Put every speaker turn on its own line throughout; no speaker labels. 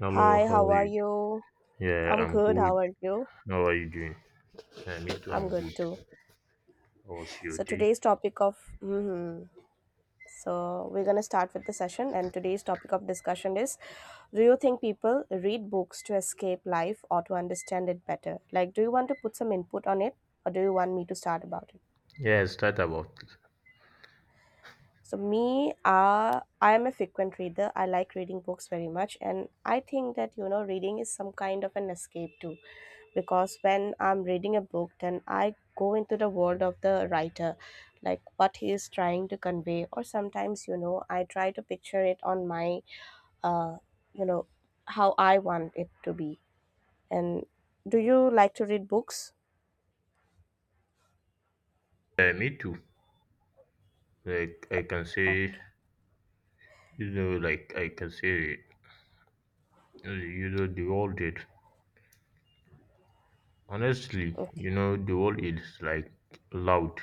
Hello,
Hi,
how
how
are
are
you?
you?
Yeah,
I'm
I'm
good. How
good.
are you?
How are you doing? Yeah, me too,
I'm
I'm good.
good too.
How was your
So
day?
today's topic of mhm. so we're gonna start with the session, and today's topic of discussion is: Do you think people read books to escape life or to understand it better? Like, do you want to put some input on it, or do you want me to start about it?
Yeah, it's that about.
So me, I am a frequent reader. I like reading books very much, and I think that reading is some kind of an escape too. Because when I'm reading a book, then I go into the world of the writer, like what he is trying to convey, or sometimes I try to picture it on my, uh, you know, how I want it to be. And do you like to read books?
Yeah, me too. Like I can say,
Okay.
you know, like I can say, uh, you know, the world is honestly,
Okay.
the world is like loud,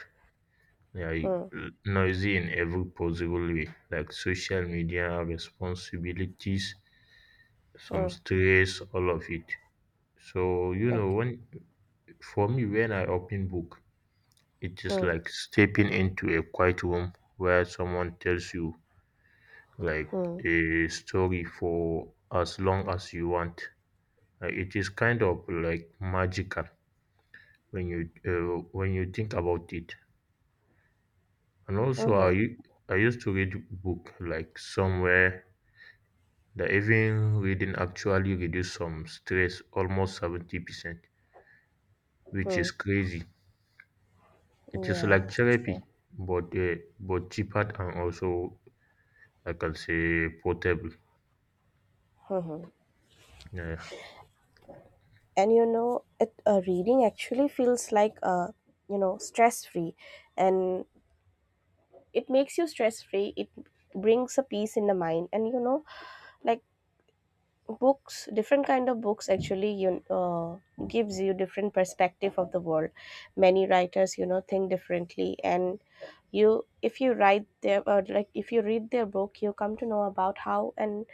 like
Hmm.
noisy in every possible way, like social media responsibilities, some
Hmm.
stress, all of it. So you know,
Okay.
when for me, when I open book. It's just
Hmm.
like stepping into a quiet room where someone tells you like
Hmm.
a story for as long as you want. It is kind of like magical when you think about it. And also,
Mm-hmm.
I used to read book like somewhere that even reading actually reduce some stress almost 70%, which
Hmm.
is crazy. It is
Yeah,
like
sure.
therapy, but cheaper, and also I can say portable.
Hmm.
Yeah.
And reading actually feels like stress free, and it makes you stress free. It brings a peace in the mind, and like books, different kind of books actually you gives you different perspective of the world. Many writers, you know, think differently, and you if you write their or like if you read their book, you come to know about how and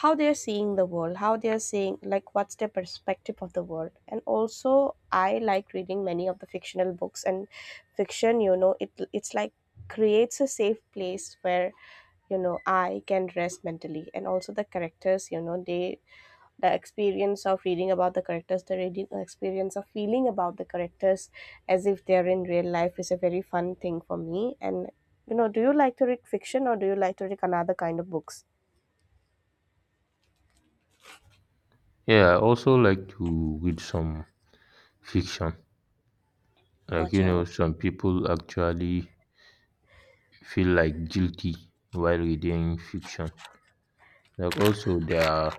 how they're seeing the world, how they're seeing, like, what's their perspective of the world. And also I like reading many of the fictional books, and fiction, you know, it's like creates a safe place where, you know, I can rest mentally. And also the characters, you know, they, the experience of reading about the characters, the reading experience of feeling about the characters as if they're in real life, is a very fun thing for me. And you know, do you like to read fiction, or do you like to read another kind of books?
Yeah, I also like to read some fiction. Like, you
Acha,
know,
okay.
some people actually feel like guilty while reading fiction. Like also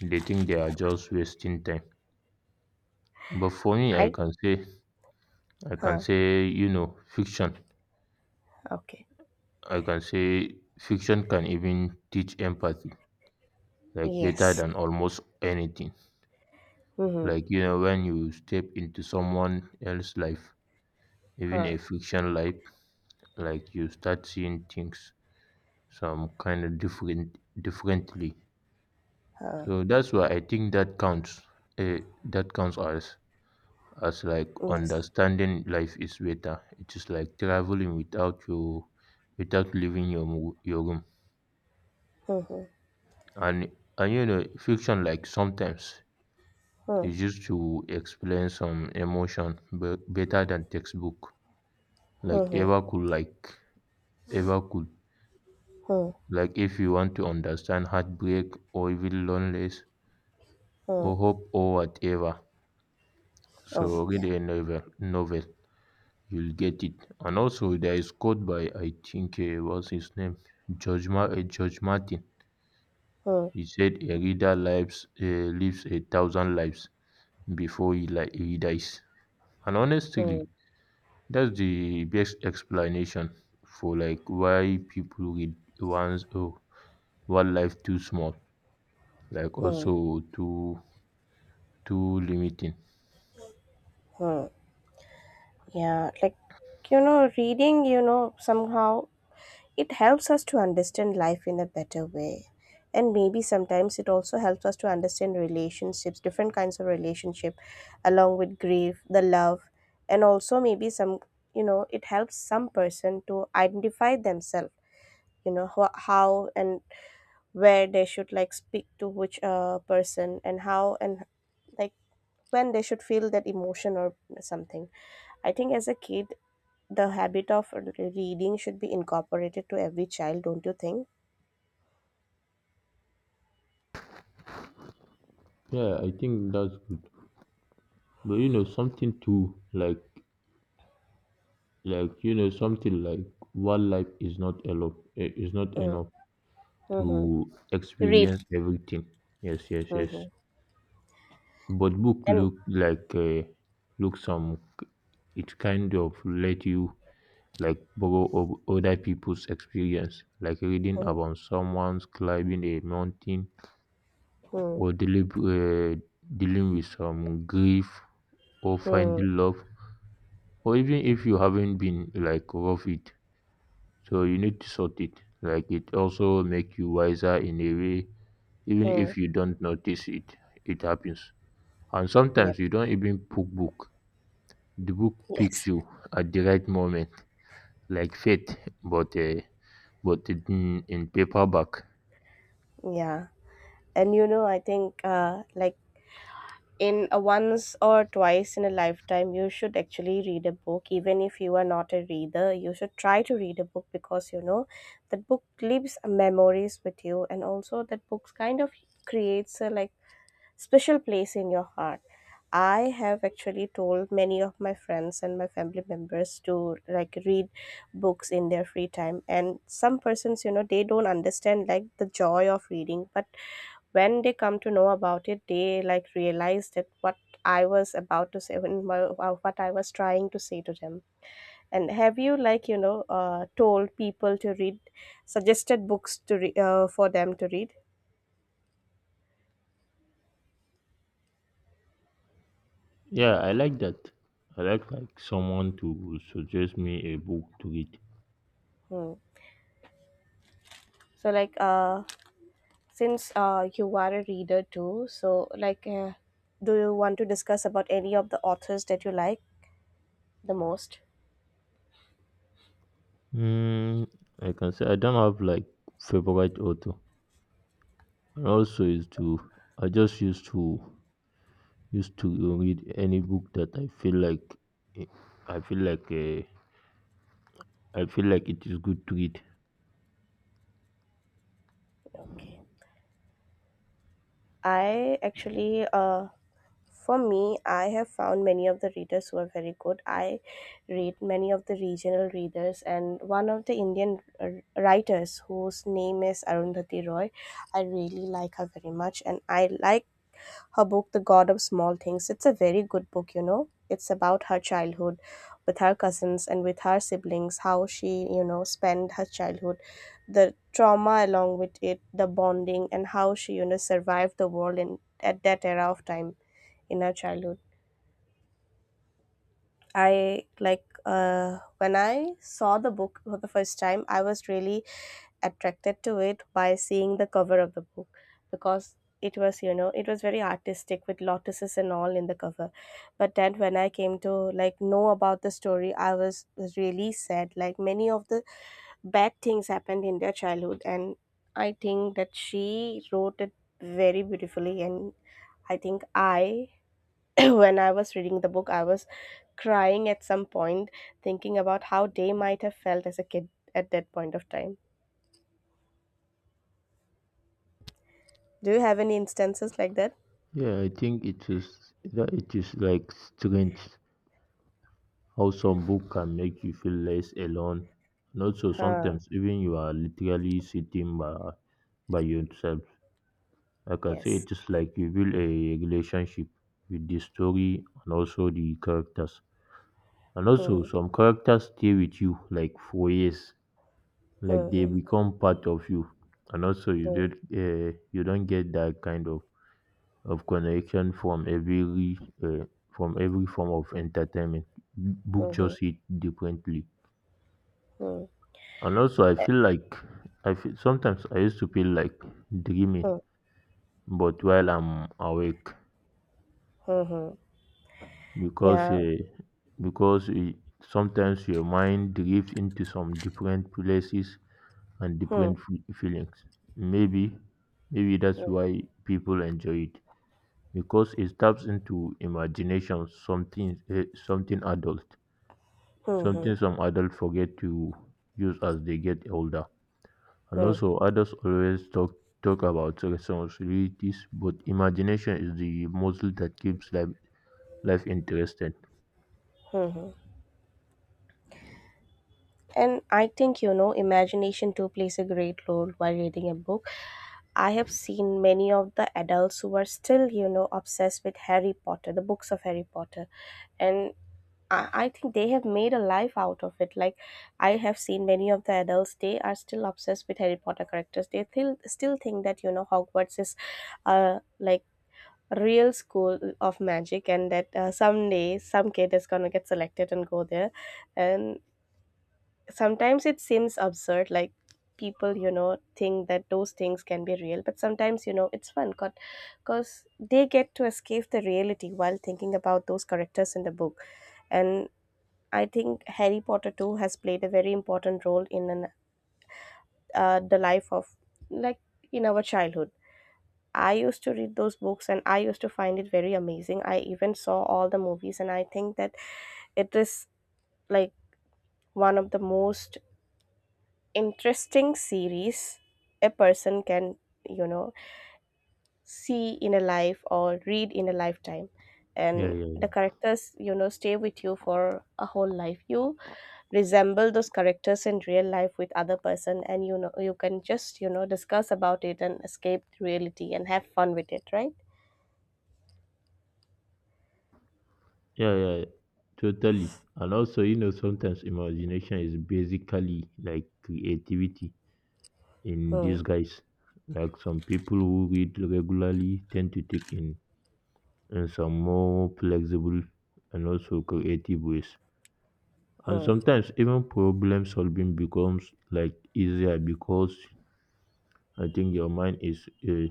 they think they are just wasting time. But for me
I
I can
Huh.
say, you know, fiction.
Okay.
I can say fiction can even teach empathy, like better
Yes.
than almost anything.
Mm-hmm.
Like, you know, when you step into someone else's life, even a
Huh.
fiction life, like you start seeing things some kind of differently.
Huh.
So that's why I think that counts. Uh, that counts as like
Yes.
understanding life is better. It is like traveling without leaving your your room.
Mm-hmm.
And and you know fiction like sometimes
Huh.
is used to explain some emotion better than textbook. Like
Mm-hmm.
ever could like ever could
Hmm.
Like, if you want to understand heartbreak or even loneliness
Hmm.
or hope or whatever,
Oh,
so read
yeah.
a novel, you'll get it. And also there is quote by I think what's his name, George Martin.
Hmm.
He said a reader lives, lives a thousand lives before he dies. And honestly,
Hmm.
that's the best explanation for like why people read. One life too small, like
Hmm.
also too limiting.
Hmm. Yeah. Like, you know, reading, you know, somehow it helps us to understand life in a better way. And maybe sometimes it also helps us to understand relationships, different kinds of relationship, along with grief, the love. And also maybe some, you know, it helps some person to identify themselves, you know, how and where they should, like, speak to which person and how and like when they should feel that emotion or something. I think as a kid, the habit of reading should be incorporated to every child, don't you think?
Yeah, I think that's good. But you know something too, like you know something like one life is not
Mm,
enough
mhm,
to
read
experience everything. Yes, yes, yes.
mhm.
But book
And
look like, look, some, it kind of let you like borrow of other people's experience, like reading
Hmm,
about someone's climbing a mountain
hmm,
or dealing with some grief or
hmm,
finding love, or even if you haven't been like rough it. So you need to sort it. Like it also make you wiser in a way, even
hmm.
if you don't notice it, it happens. And
Yep.
sometimes you don't even book. The book picks
Yes.
you at the right moment, like fate, but uh, but in, paperback.
Yeah. And you know, I think like, in a once or twice in a lifetime, you should actually read a book. Even if you are not a reader, you should try to read a book, because you know that book leaves memories with you, and also that books kind of creates a, like, special place in your heart. I have actually told many of my friends and my family members to, like, read books in their free time. And some persons, you know, they don't understand, like, the joy of reading. But when they come to know about it, they, like, realize that what I was about to say when my, what I was trying to say to them. And have you, like, you know, told people to read, suggested books to for them to read?
Yeah, I like that. I like someone to suggest me a book to read.
Hmm. So, like, since you are a reader too, so, like, do you want to discuss about any of the authors that you like the most?
Mm, I can say I don't have like favorite author. And also is to I just used to read any book that eh, I feel like uh, I feel like it is good to read.
Okay. I actually, for me, I have found many of the readers who are very good. I read many of the regional readers, and one of the Indian writers whose name is Arundhati Roy. I really like her very much, and I like her book, The God of Small Things. It's a very good book, you know. It's about her childhood with her cousins and with her siblings, how she, you know, spent her childhood, the trauma along with it, the bonding, and how she, you know, survived the world in, at that era of time in her childhood. I like, when I saw the book for the first time, I was really attracted to it by seeing the cover of the book, because it was, you know, it was very artistic with lotuses and all in the cover. But then when I came to, like, know about the story, I was really sad. Like, many of the bad things happened in their childhood, and I think that she wrote it very beautifully. And I think I when I was reading the book, I was crying at some point, thinking about how they might have felt as a kid at that point of time. Do you have any instances like that?
Yeah, I think it is that it is like strange how some book can make you feel less alone. And also
Huh.
sometimes even you are literally sitting by yourself. I can say
Yes.
it is like you build a relationship with the story and also the characters. And also
Hmm.
some characters stay with you like for years, like they
Hmm.
become part of you. And also
Hmm.
you don't get that kind of, connection from every form of entertainment.
Hmm.
Book
Hmm.
just hit differently.
Hmm. Hmm.
And also
Eh,
I feel sometimes I used to feel like
Hmm.
dreaming but while I'm awake,
Hmm. Hmm.
because
Yeah.
uh, because sometimes your mind drifts into some different places and
Hmm.
different feelings. Maybe, Maybe that's
Hmm.
why people enjoy it, because it taps into imagination, something, something adult,
Hmm. Hmm.
something some adults forget to use as they get older. And
Hmm.
also, others always talk about responsibilities, but imagination is the muscle that keeps life interesting.
And I think, you know, imagination too plays a great role while reading a book. I have seen many of the adults who are still, you know, obsessed with Harry Potter, the books of Harry Potter. And I think they have made a life out of it. Like, I have seen many of the adults, they are still obsessed with Harry Potter characters. They still think that, you know, Hogwarts is, like, real school of magic, and that someday some kid is gonna get selected and go there. And sometimes it seems absurd, like people, you know, think that those things can be real. But sometimes, you know, it's fun, because they get to escape the reality while thinking about those characters in the book. And I think Harry Potter too has played a very important role in an, the life of, like, in our childhood. I used to read those books, and I used to find it very amazing. I even saw all the movies, and I think that it is, like, one of the most interesting series a person can, you know, see in a life or read in a lifetime.
Yeah,
And
yeah,
the characters, you know, stay with you for a whole life. You resemble those characters in real life with other person, and you know, you can just, you know, discuss about it and escape reality and have fun with it, right?
yeah, yeah, yeah. Totally. And also, you know, sometimes imagination is basically like creativity in
Hmm.
disguise, like some people who read regularly tend to take in, some more flexible and also creative ways. And
Hmm.
sometimes even problem solving becomes like easier, because I think your mind is uh,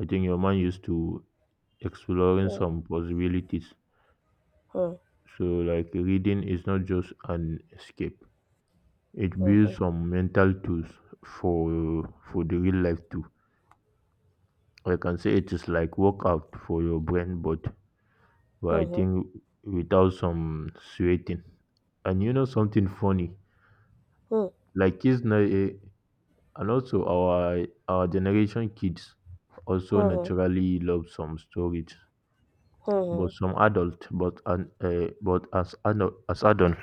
I think your mind used to exploring
Hmm.
some possibilities.
Hmm.
So like reading is not just an escape. It
Hmm.
builds some mental tools for the real life too. I can say it is like workout for your brain, but I
Hmm. Hmm.
think without some sweating. And you know something funny?
Hmm.
Like kids now, and also our generation kids also
Hmm.
naturally love some stories,
Hmm. Hmm.
but some adult, but an as adult,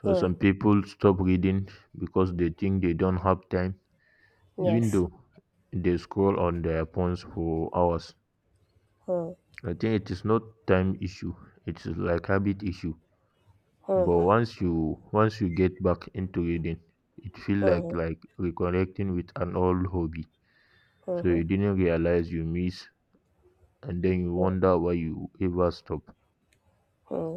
so
Hmm.
some people stop reading because they think they don't have time, even
Yes.
though they scroll on their phones for hours.
Hmm.
I think it is not time issue; it is like habit issue.
Hmm.
But
Hmm.
once you get back into reading, it feel
Hmm.
like reconnecting with an old hobby, so
Hmm.
you didn't realize you miss, and then you
Hmm.
wonder why you ever stop.
Hmm.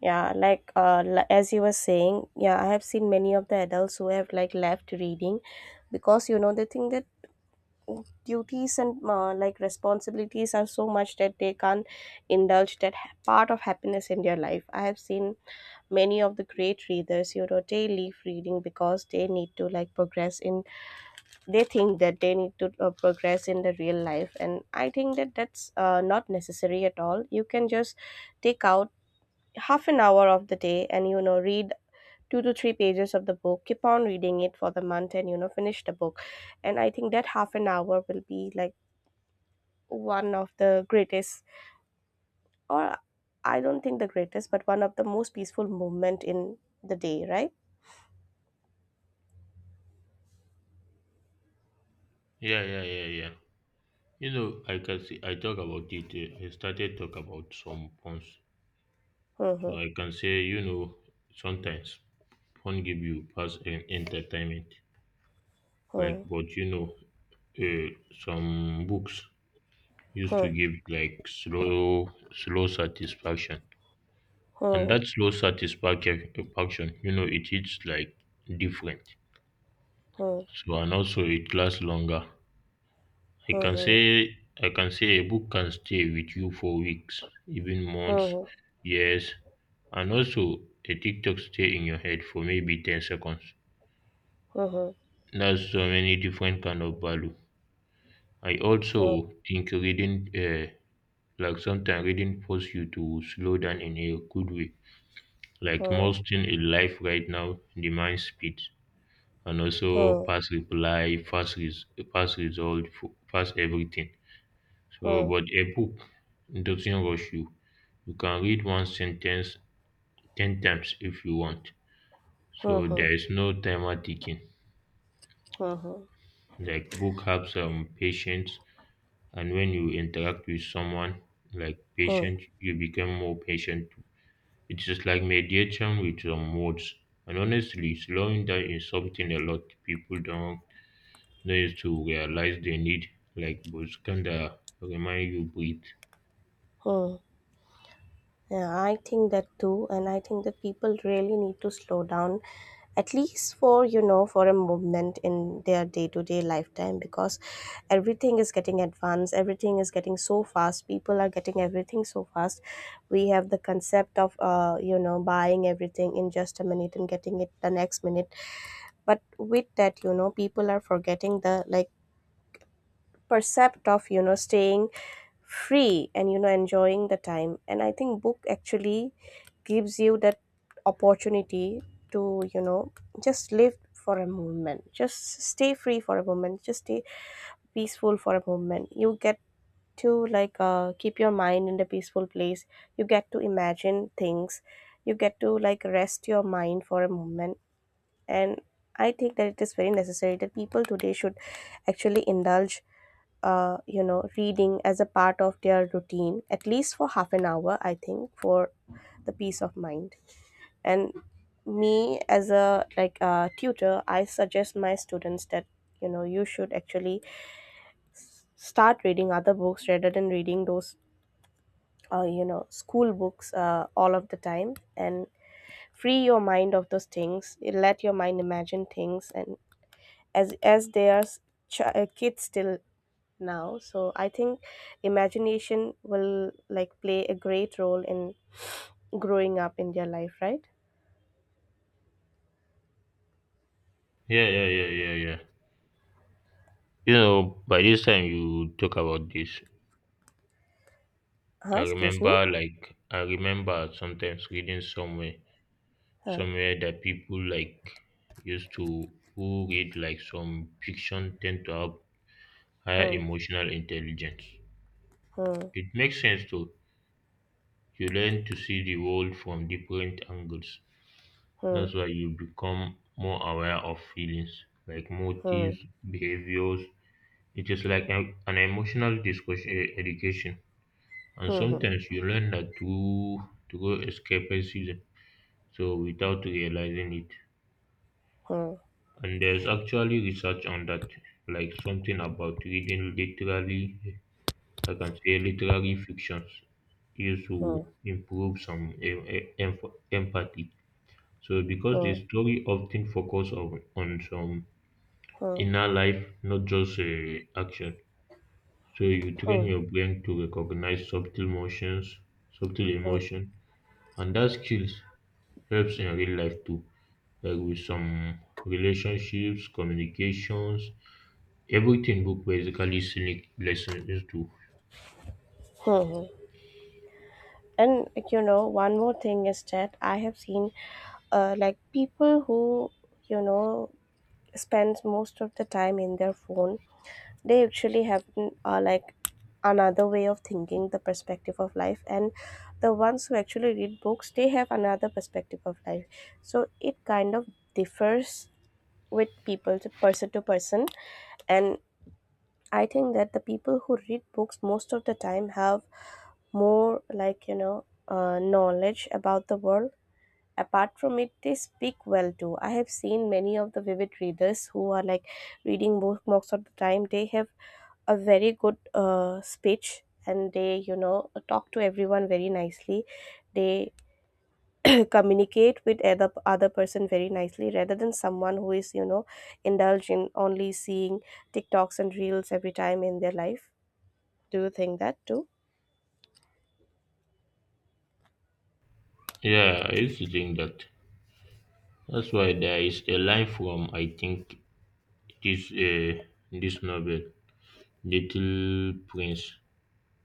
Yeah, like, as you were saying, yeah, I have seen many of the adults who have, like, left reading because, you know, they think that duties and, like, responsibilities are so much that they can't indulge that part of happiness in their life. I have seen many of the great readers, you know, they leave reading because they need to, like, progress in. They think that they need to, progress in the real life, and I think that that's, not necessary at all. You can just take out half an hour of the day and, you know, read two to three pages of the book, keep on reading it for the month, and you know, finish the book. And I think that half an hour will be, like, one of the greatest, or I don't think the greatest, but one of the most peaceful moment in the day, right?
Yeah, yeah, yeah, yeah. You know, I can see, I talk about it. I started talk about some puns. So
Mhm.
I can say, you know, sometimes phone give you pass and entertainment. Like,
Mhm.
but you know, uh, some books used to give like slow, slow satisfaction. And
Mhm.
that slow satisfaction, you know, it is like different. So and also it lasts longer.
Mhm.
I can say a book can stay with you for weeks, even months,
Mhm.
years, and also a TikTok stay in your head for maybe 10 seconds.
Mhm.
That's so many different kind of value. I
Mhm.
also think like sometimes reading force you to slow down in a good way. Like
Mhm.
most thing in life right now demands speed, and also
Mhm.
fast reply, fast result, fast everything. So,
Mhm.
but a book doesn't rush you. You can read one sentence 10 times if you want. So
Mhm.
there is no timer ticking.
Mhm.
Like book helps patience, and when you interact with someone like
Mhm.
patient, you become more patient too. It's just like meditation with some words. And honestly, slowing down is something a lot people don't days to realize they need, like Buscan that remind you breathe.
Mhm. Yeah, I think that too, and I think that people really need to slow down at least for for a moment in their day-to-day lifetime, because everything is getting advanced, everything is getting so fast, people are getting everything so fast. We have the concept of buying everything in just a minute and getting it the next minute. But with that, people are forgetting the like percept of staying free and enjoying the time. And I think book actually gives you that opportunity to just live for a moment, just stay free for a moment, just stay peaceful for a moment. You get to like keep your mind in the peaceful place, you get to imagine things, you get to like rest your mind for a moment. And I think that it is very necessary that people today should actually indulge reading as a part of their routine, at least for half an hour, I think, for the peace of mind. And me as a like a tutor, I suggest my students that you should actually start reading other books rather than reading those school books all of the time, and free your mind of those things. Let your mind imagine things. And as they are kids still now, so I think imagination will like play a great role in growing up in their life, right?
Yeah, yeah, yeah, yeah, yeah. You know, by this time you talk about this,
Excuse me.
I remember sometimes reading somewhere,
Huh?
that people like used to who read like some fiction tend to have higher
Hmm.
emotional intelligence.
Hmm.
It makes sense to you learn to see the world from different angles.
Hmm.
That's why you become more aware of feelings, like
Hmm.
motives, behaviors. It is like an emotional education. And
Hmm.
sometimes you learn that to go escape a season, so without realizing it.
Hmm.
And there's actually research on that, like something about reading literally, I can say literary fictions, used
Hmm.
to improve some em- empathy. So because the
Hmm.
story often focus on some
Hmm.
in our life, not just action. So you train
Hmm.
your brain to recognize subtle motions, subtle
Hmm. Hmm.
emotion, and that skills helps in real life too, like with some relationships, communications, everything book basically sneak lessons too.
Hmm. And like, one more thing is that I have seen like people who you know spends most of the time in their phone, they actually have like another way of thinking, the perspective of life, and the ones who actually read books, they have another perspective of life. So it kind of differs with people to person to person. And I think that the people who read books most of the time have more like knowledge about the world. Apart from it, they speak well too. I have seen many of the vivid readers who are like reading books most of the time, they have a very good speech, and they talk to everyone very nicely. They communicate with other person very nicely, rather than someone who is indulged in only seeing tiktoks and reels every time in their life. Do you think that too?
Yeah, I used to think that. That's why there is a line from I think this, this novel, Little Prince.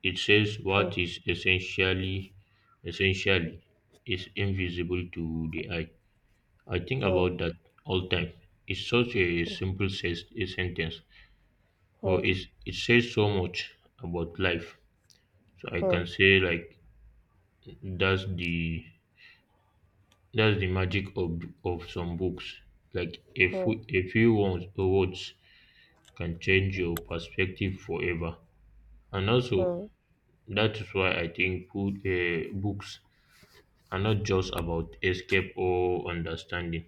It says what
Hmm,
is essentially is invisible to the eye. I think
hmm,
about that all time. It's such a
hmm,
simple a sentence,
hmm,
but it says so much about life. So I can say like that's the that's the magic of some books. Like
hmm,
a few words can change your perspective forever. And also
hmm,
that is why I think books are not just about escape or understanding.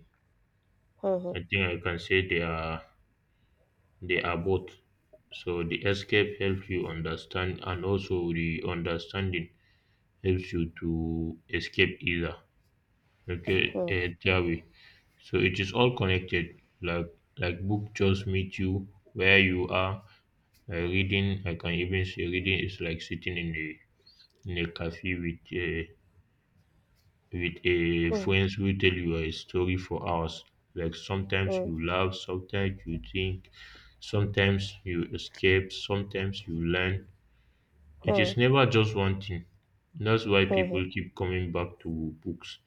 hmm, hmm, hmm,
I think I can say they are both. So the escape helps you understand, and also the understanding helps you to escape either. Okay,
hmm,
that way. So it is all connected. Like book just meet you where you are. Reading, I can even say reading is like sitting in a cafe with, with a
hmm,
friends who tell you a story for hours. Like sometimes
hmm,
you laugh, sometimes you think, sometimes you escape, sometimes you learn. It
hmm,
is never just one thing. That's why
hmm.
people keep coming back to books.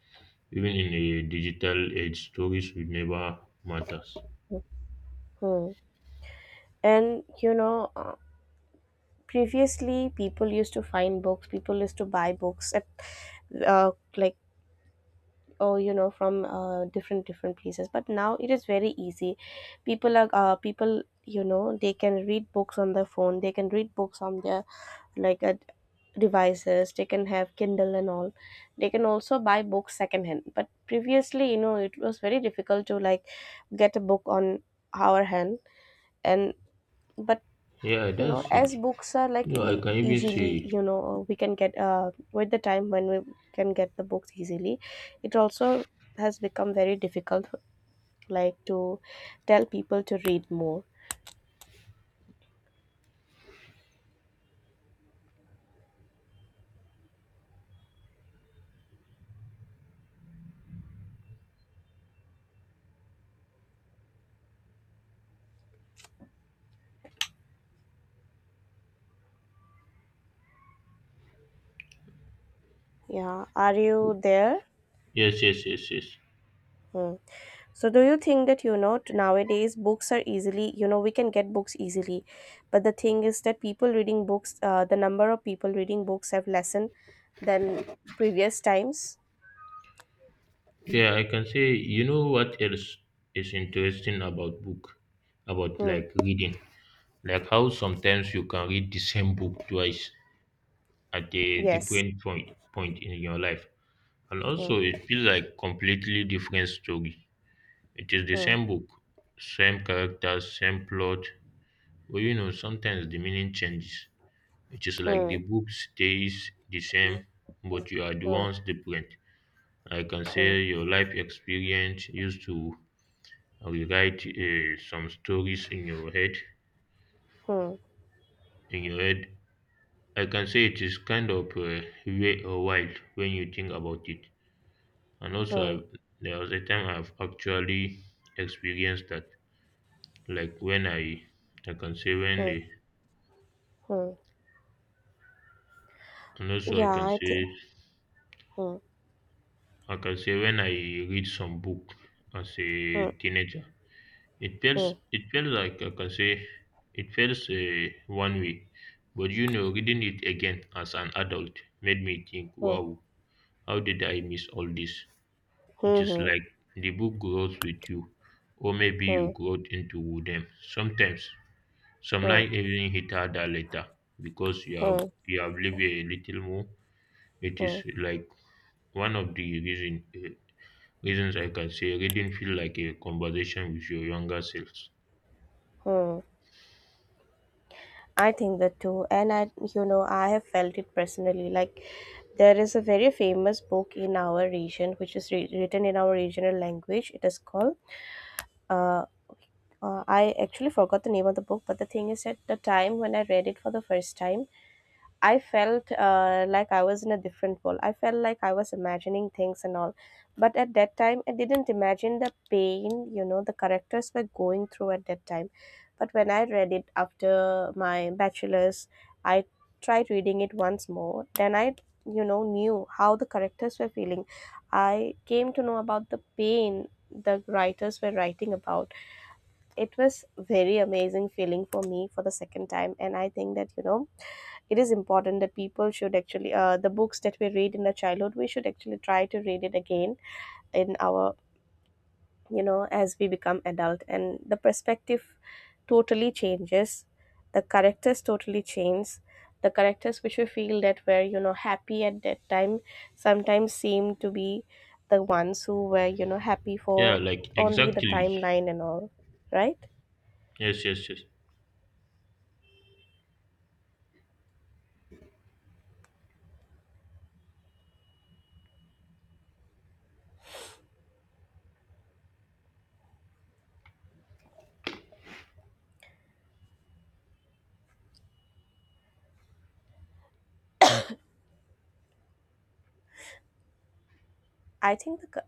Even in a digital age, stories will never matters.
Hmm. And you know, previously people used to find books, people used to buy books at uh, like, oh, from different places. But now it is very easy. People are people, they can read books on their phone, they can read books on their like devices, they can have kindle and all. They can also buy books secondhand. But previously, it was very difficult to like get a book on our hand. And but
Yeah, that's it.
as books are
You
like
know, I can even
easily,
say
we can get with the time when we can get the books easily, it also has become very difficult like to tell people to read more. Yeah, are you there?
yes, yes, yes, yes.
Hmm. So do you think that, nowadays books are easily, we can get books easily, but the thing is that people reading books, the number of people reading books have lessened than previous times.
Yeah, I can say you know what else is interesting about book, about
Hmm.
like reading. Like how sometimes you can read the same book twice at a
Yes.
different point in your life, and also
Hmm.
it feels like completely different story. It is the
Hmm.
same book, same characters, same plot, but you know sometimes the meaning changes. It is like
Hmm.
the book stays the same but you are the
Hmm.
ones different. Like I can say
Hmm.
your life experience used to rewrite, some stories in your head,
Hmm.
in your head I can say it is kind of, weird or wild when you think about it. And also,
Hmm.
there was a time I've actually experienced that, like when I can say when,
Hmm.
I,
Hmm.
and also
Yeah, I think. Hmm.
I can say when I read some book as a
Hmm.
teenager,
Hmm.
it feels like I can say, it feels one way, but you know, reading it again as an adult made me think,
Hmm.
wow, how did I miss all this? It
Hmm.
is
Hmm.
like the book grows with you, or maybe you
Hmm.
growed into them. Sometimes some
Hmm.
line even hit harder later because
Hmm.
you have lived a little more. It
Hmm.
is like one of the reasons I can say reading feel like a conversation with your younger selves.
Hmm. I think that too, and I, you know, I have felt it personally. Like, there is a very famous book in our region, which is written in our regional language. It is called. Uh, I actually forgot the name of the book. But the thing is, at the time when I read it for the first time, I felt like I was in a different world. I felt like I was imagining things and all. But at that time, I didn't imagine the pain, you know, the characters were going through at that time. But when I read it after my bachelor's, I tried reading it once more. Then I, you know, knew how the characters were feeling. I came to know about the pain the writers were writing about. It was very amazing feeling for me for the second time. And I think that, you know, it is important that people should actually the books that we read in the childhood, we should actually try to read it again in our, you know, as we become adult, and the perspective totally changes, the characters totally change. The characters which we feel that were, you know, happy at that time sometimes seem to be the ones who were, you know, happy
Yeah,
for
like
only the
exactly.
timeline and all, right?
Yes, yes, yes.
I think the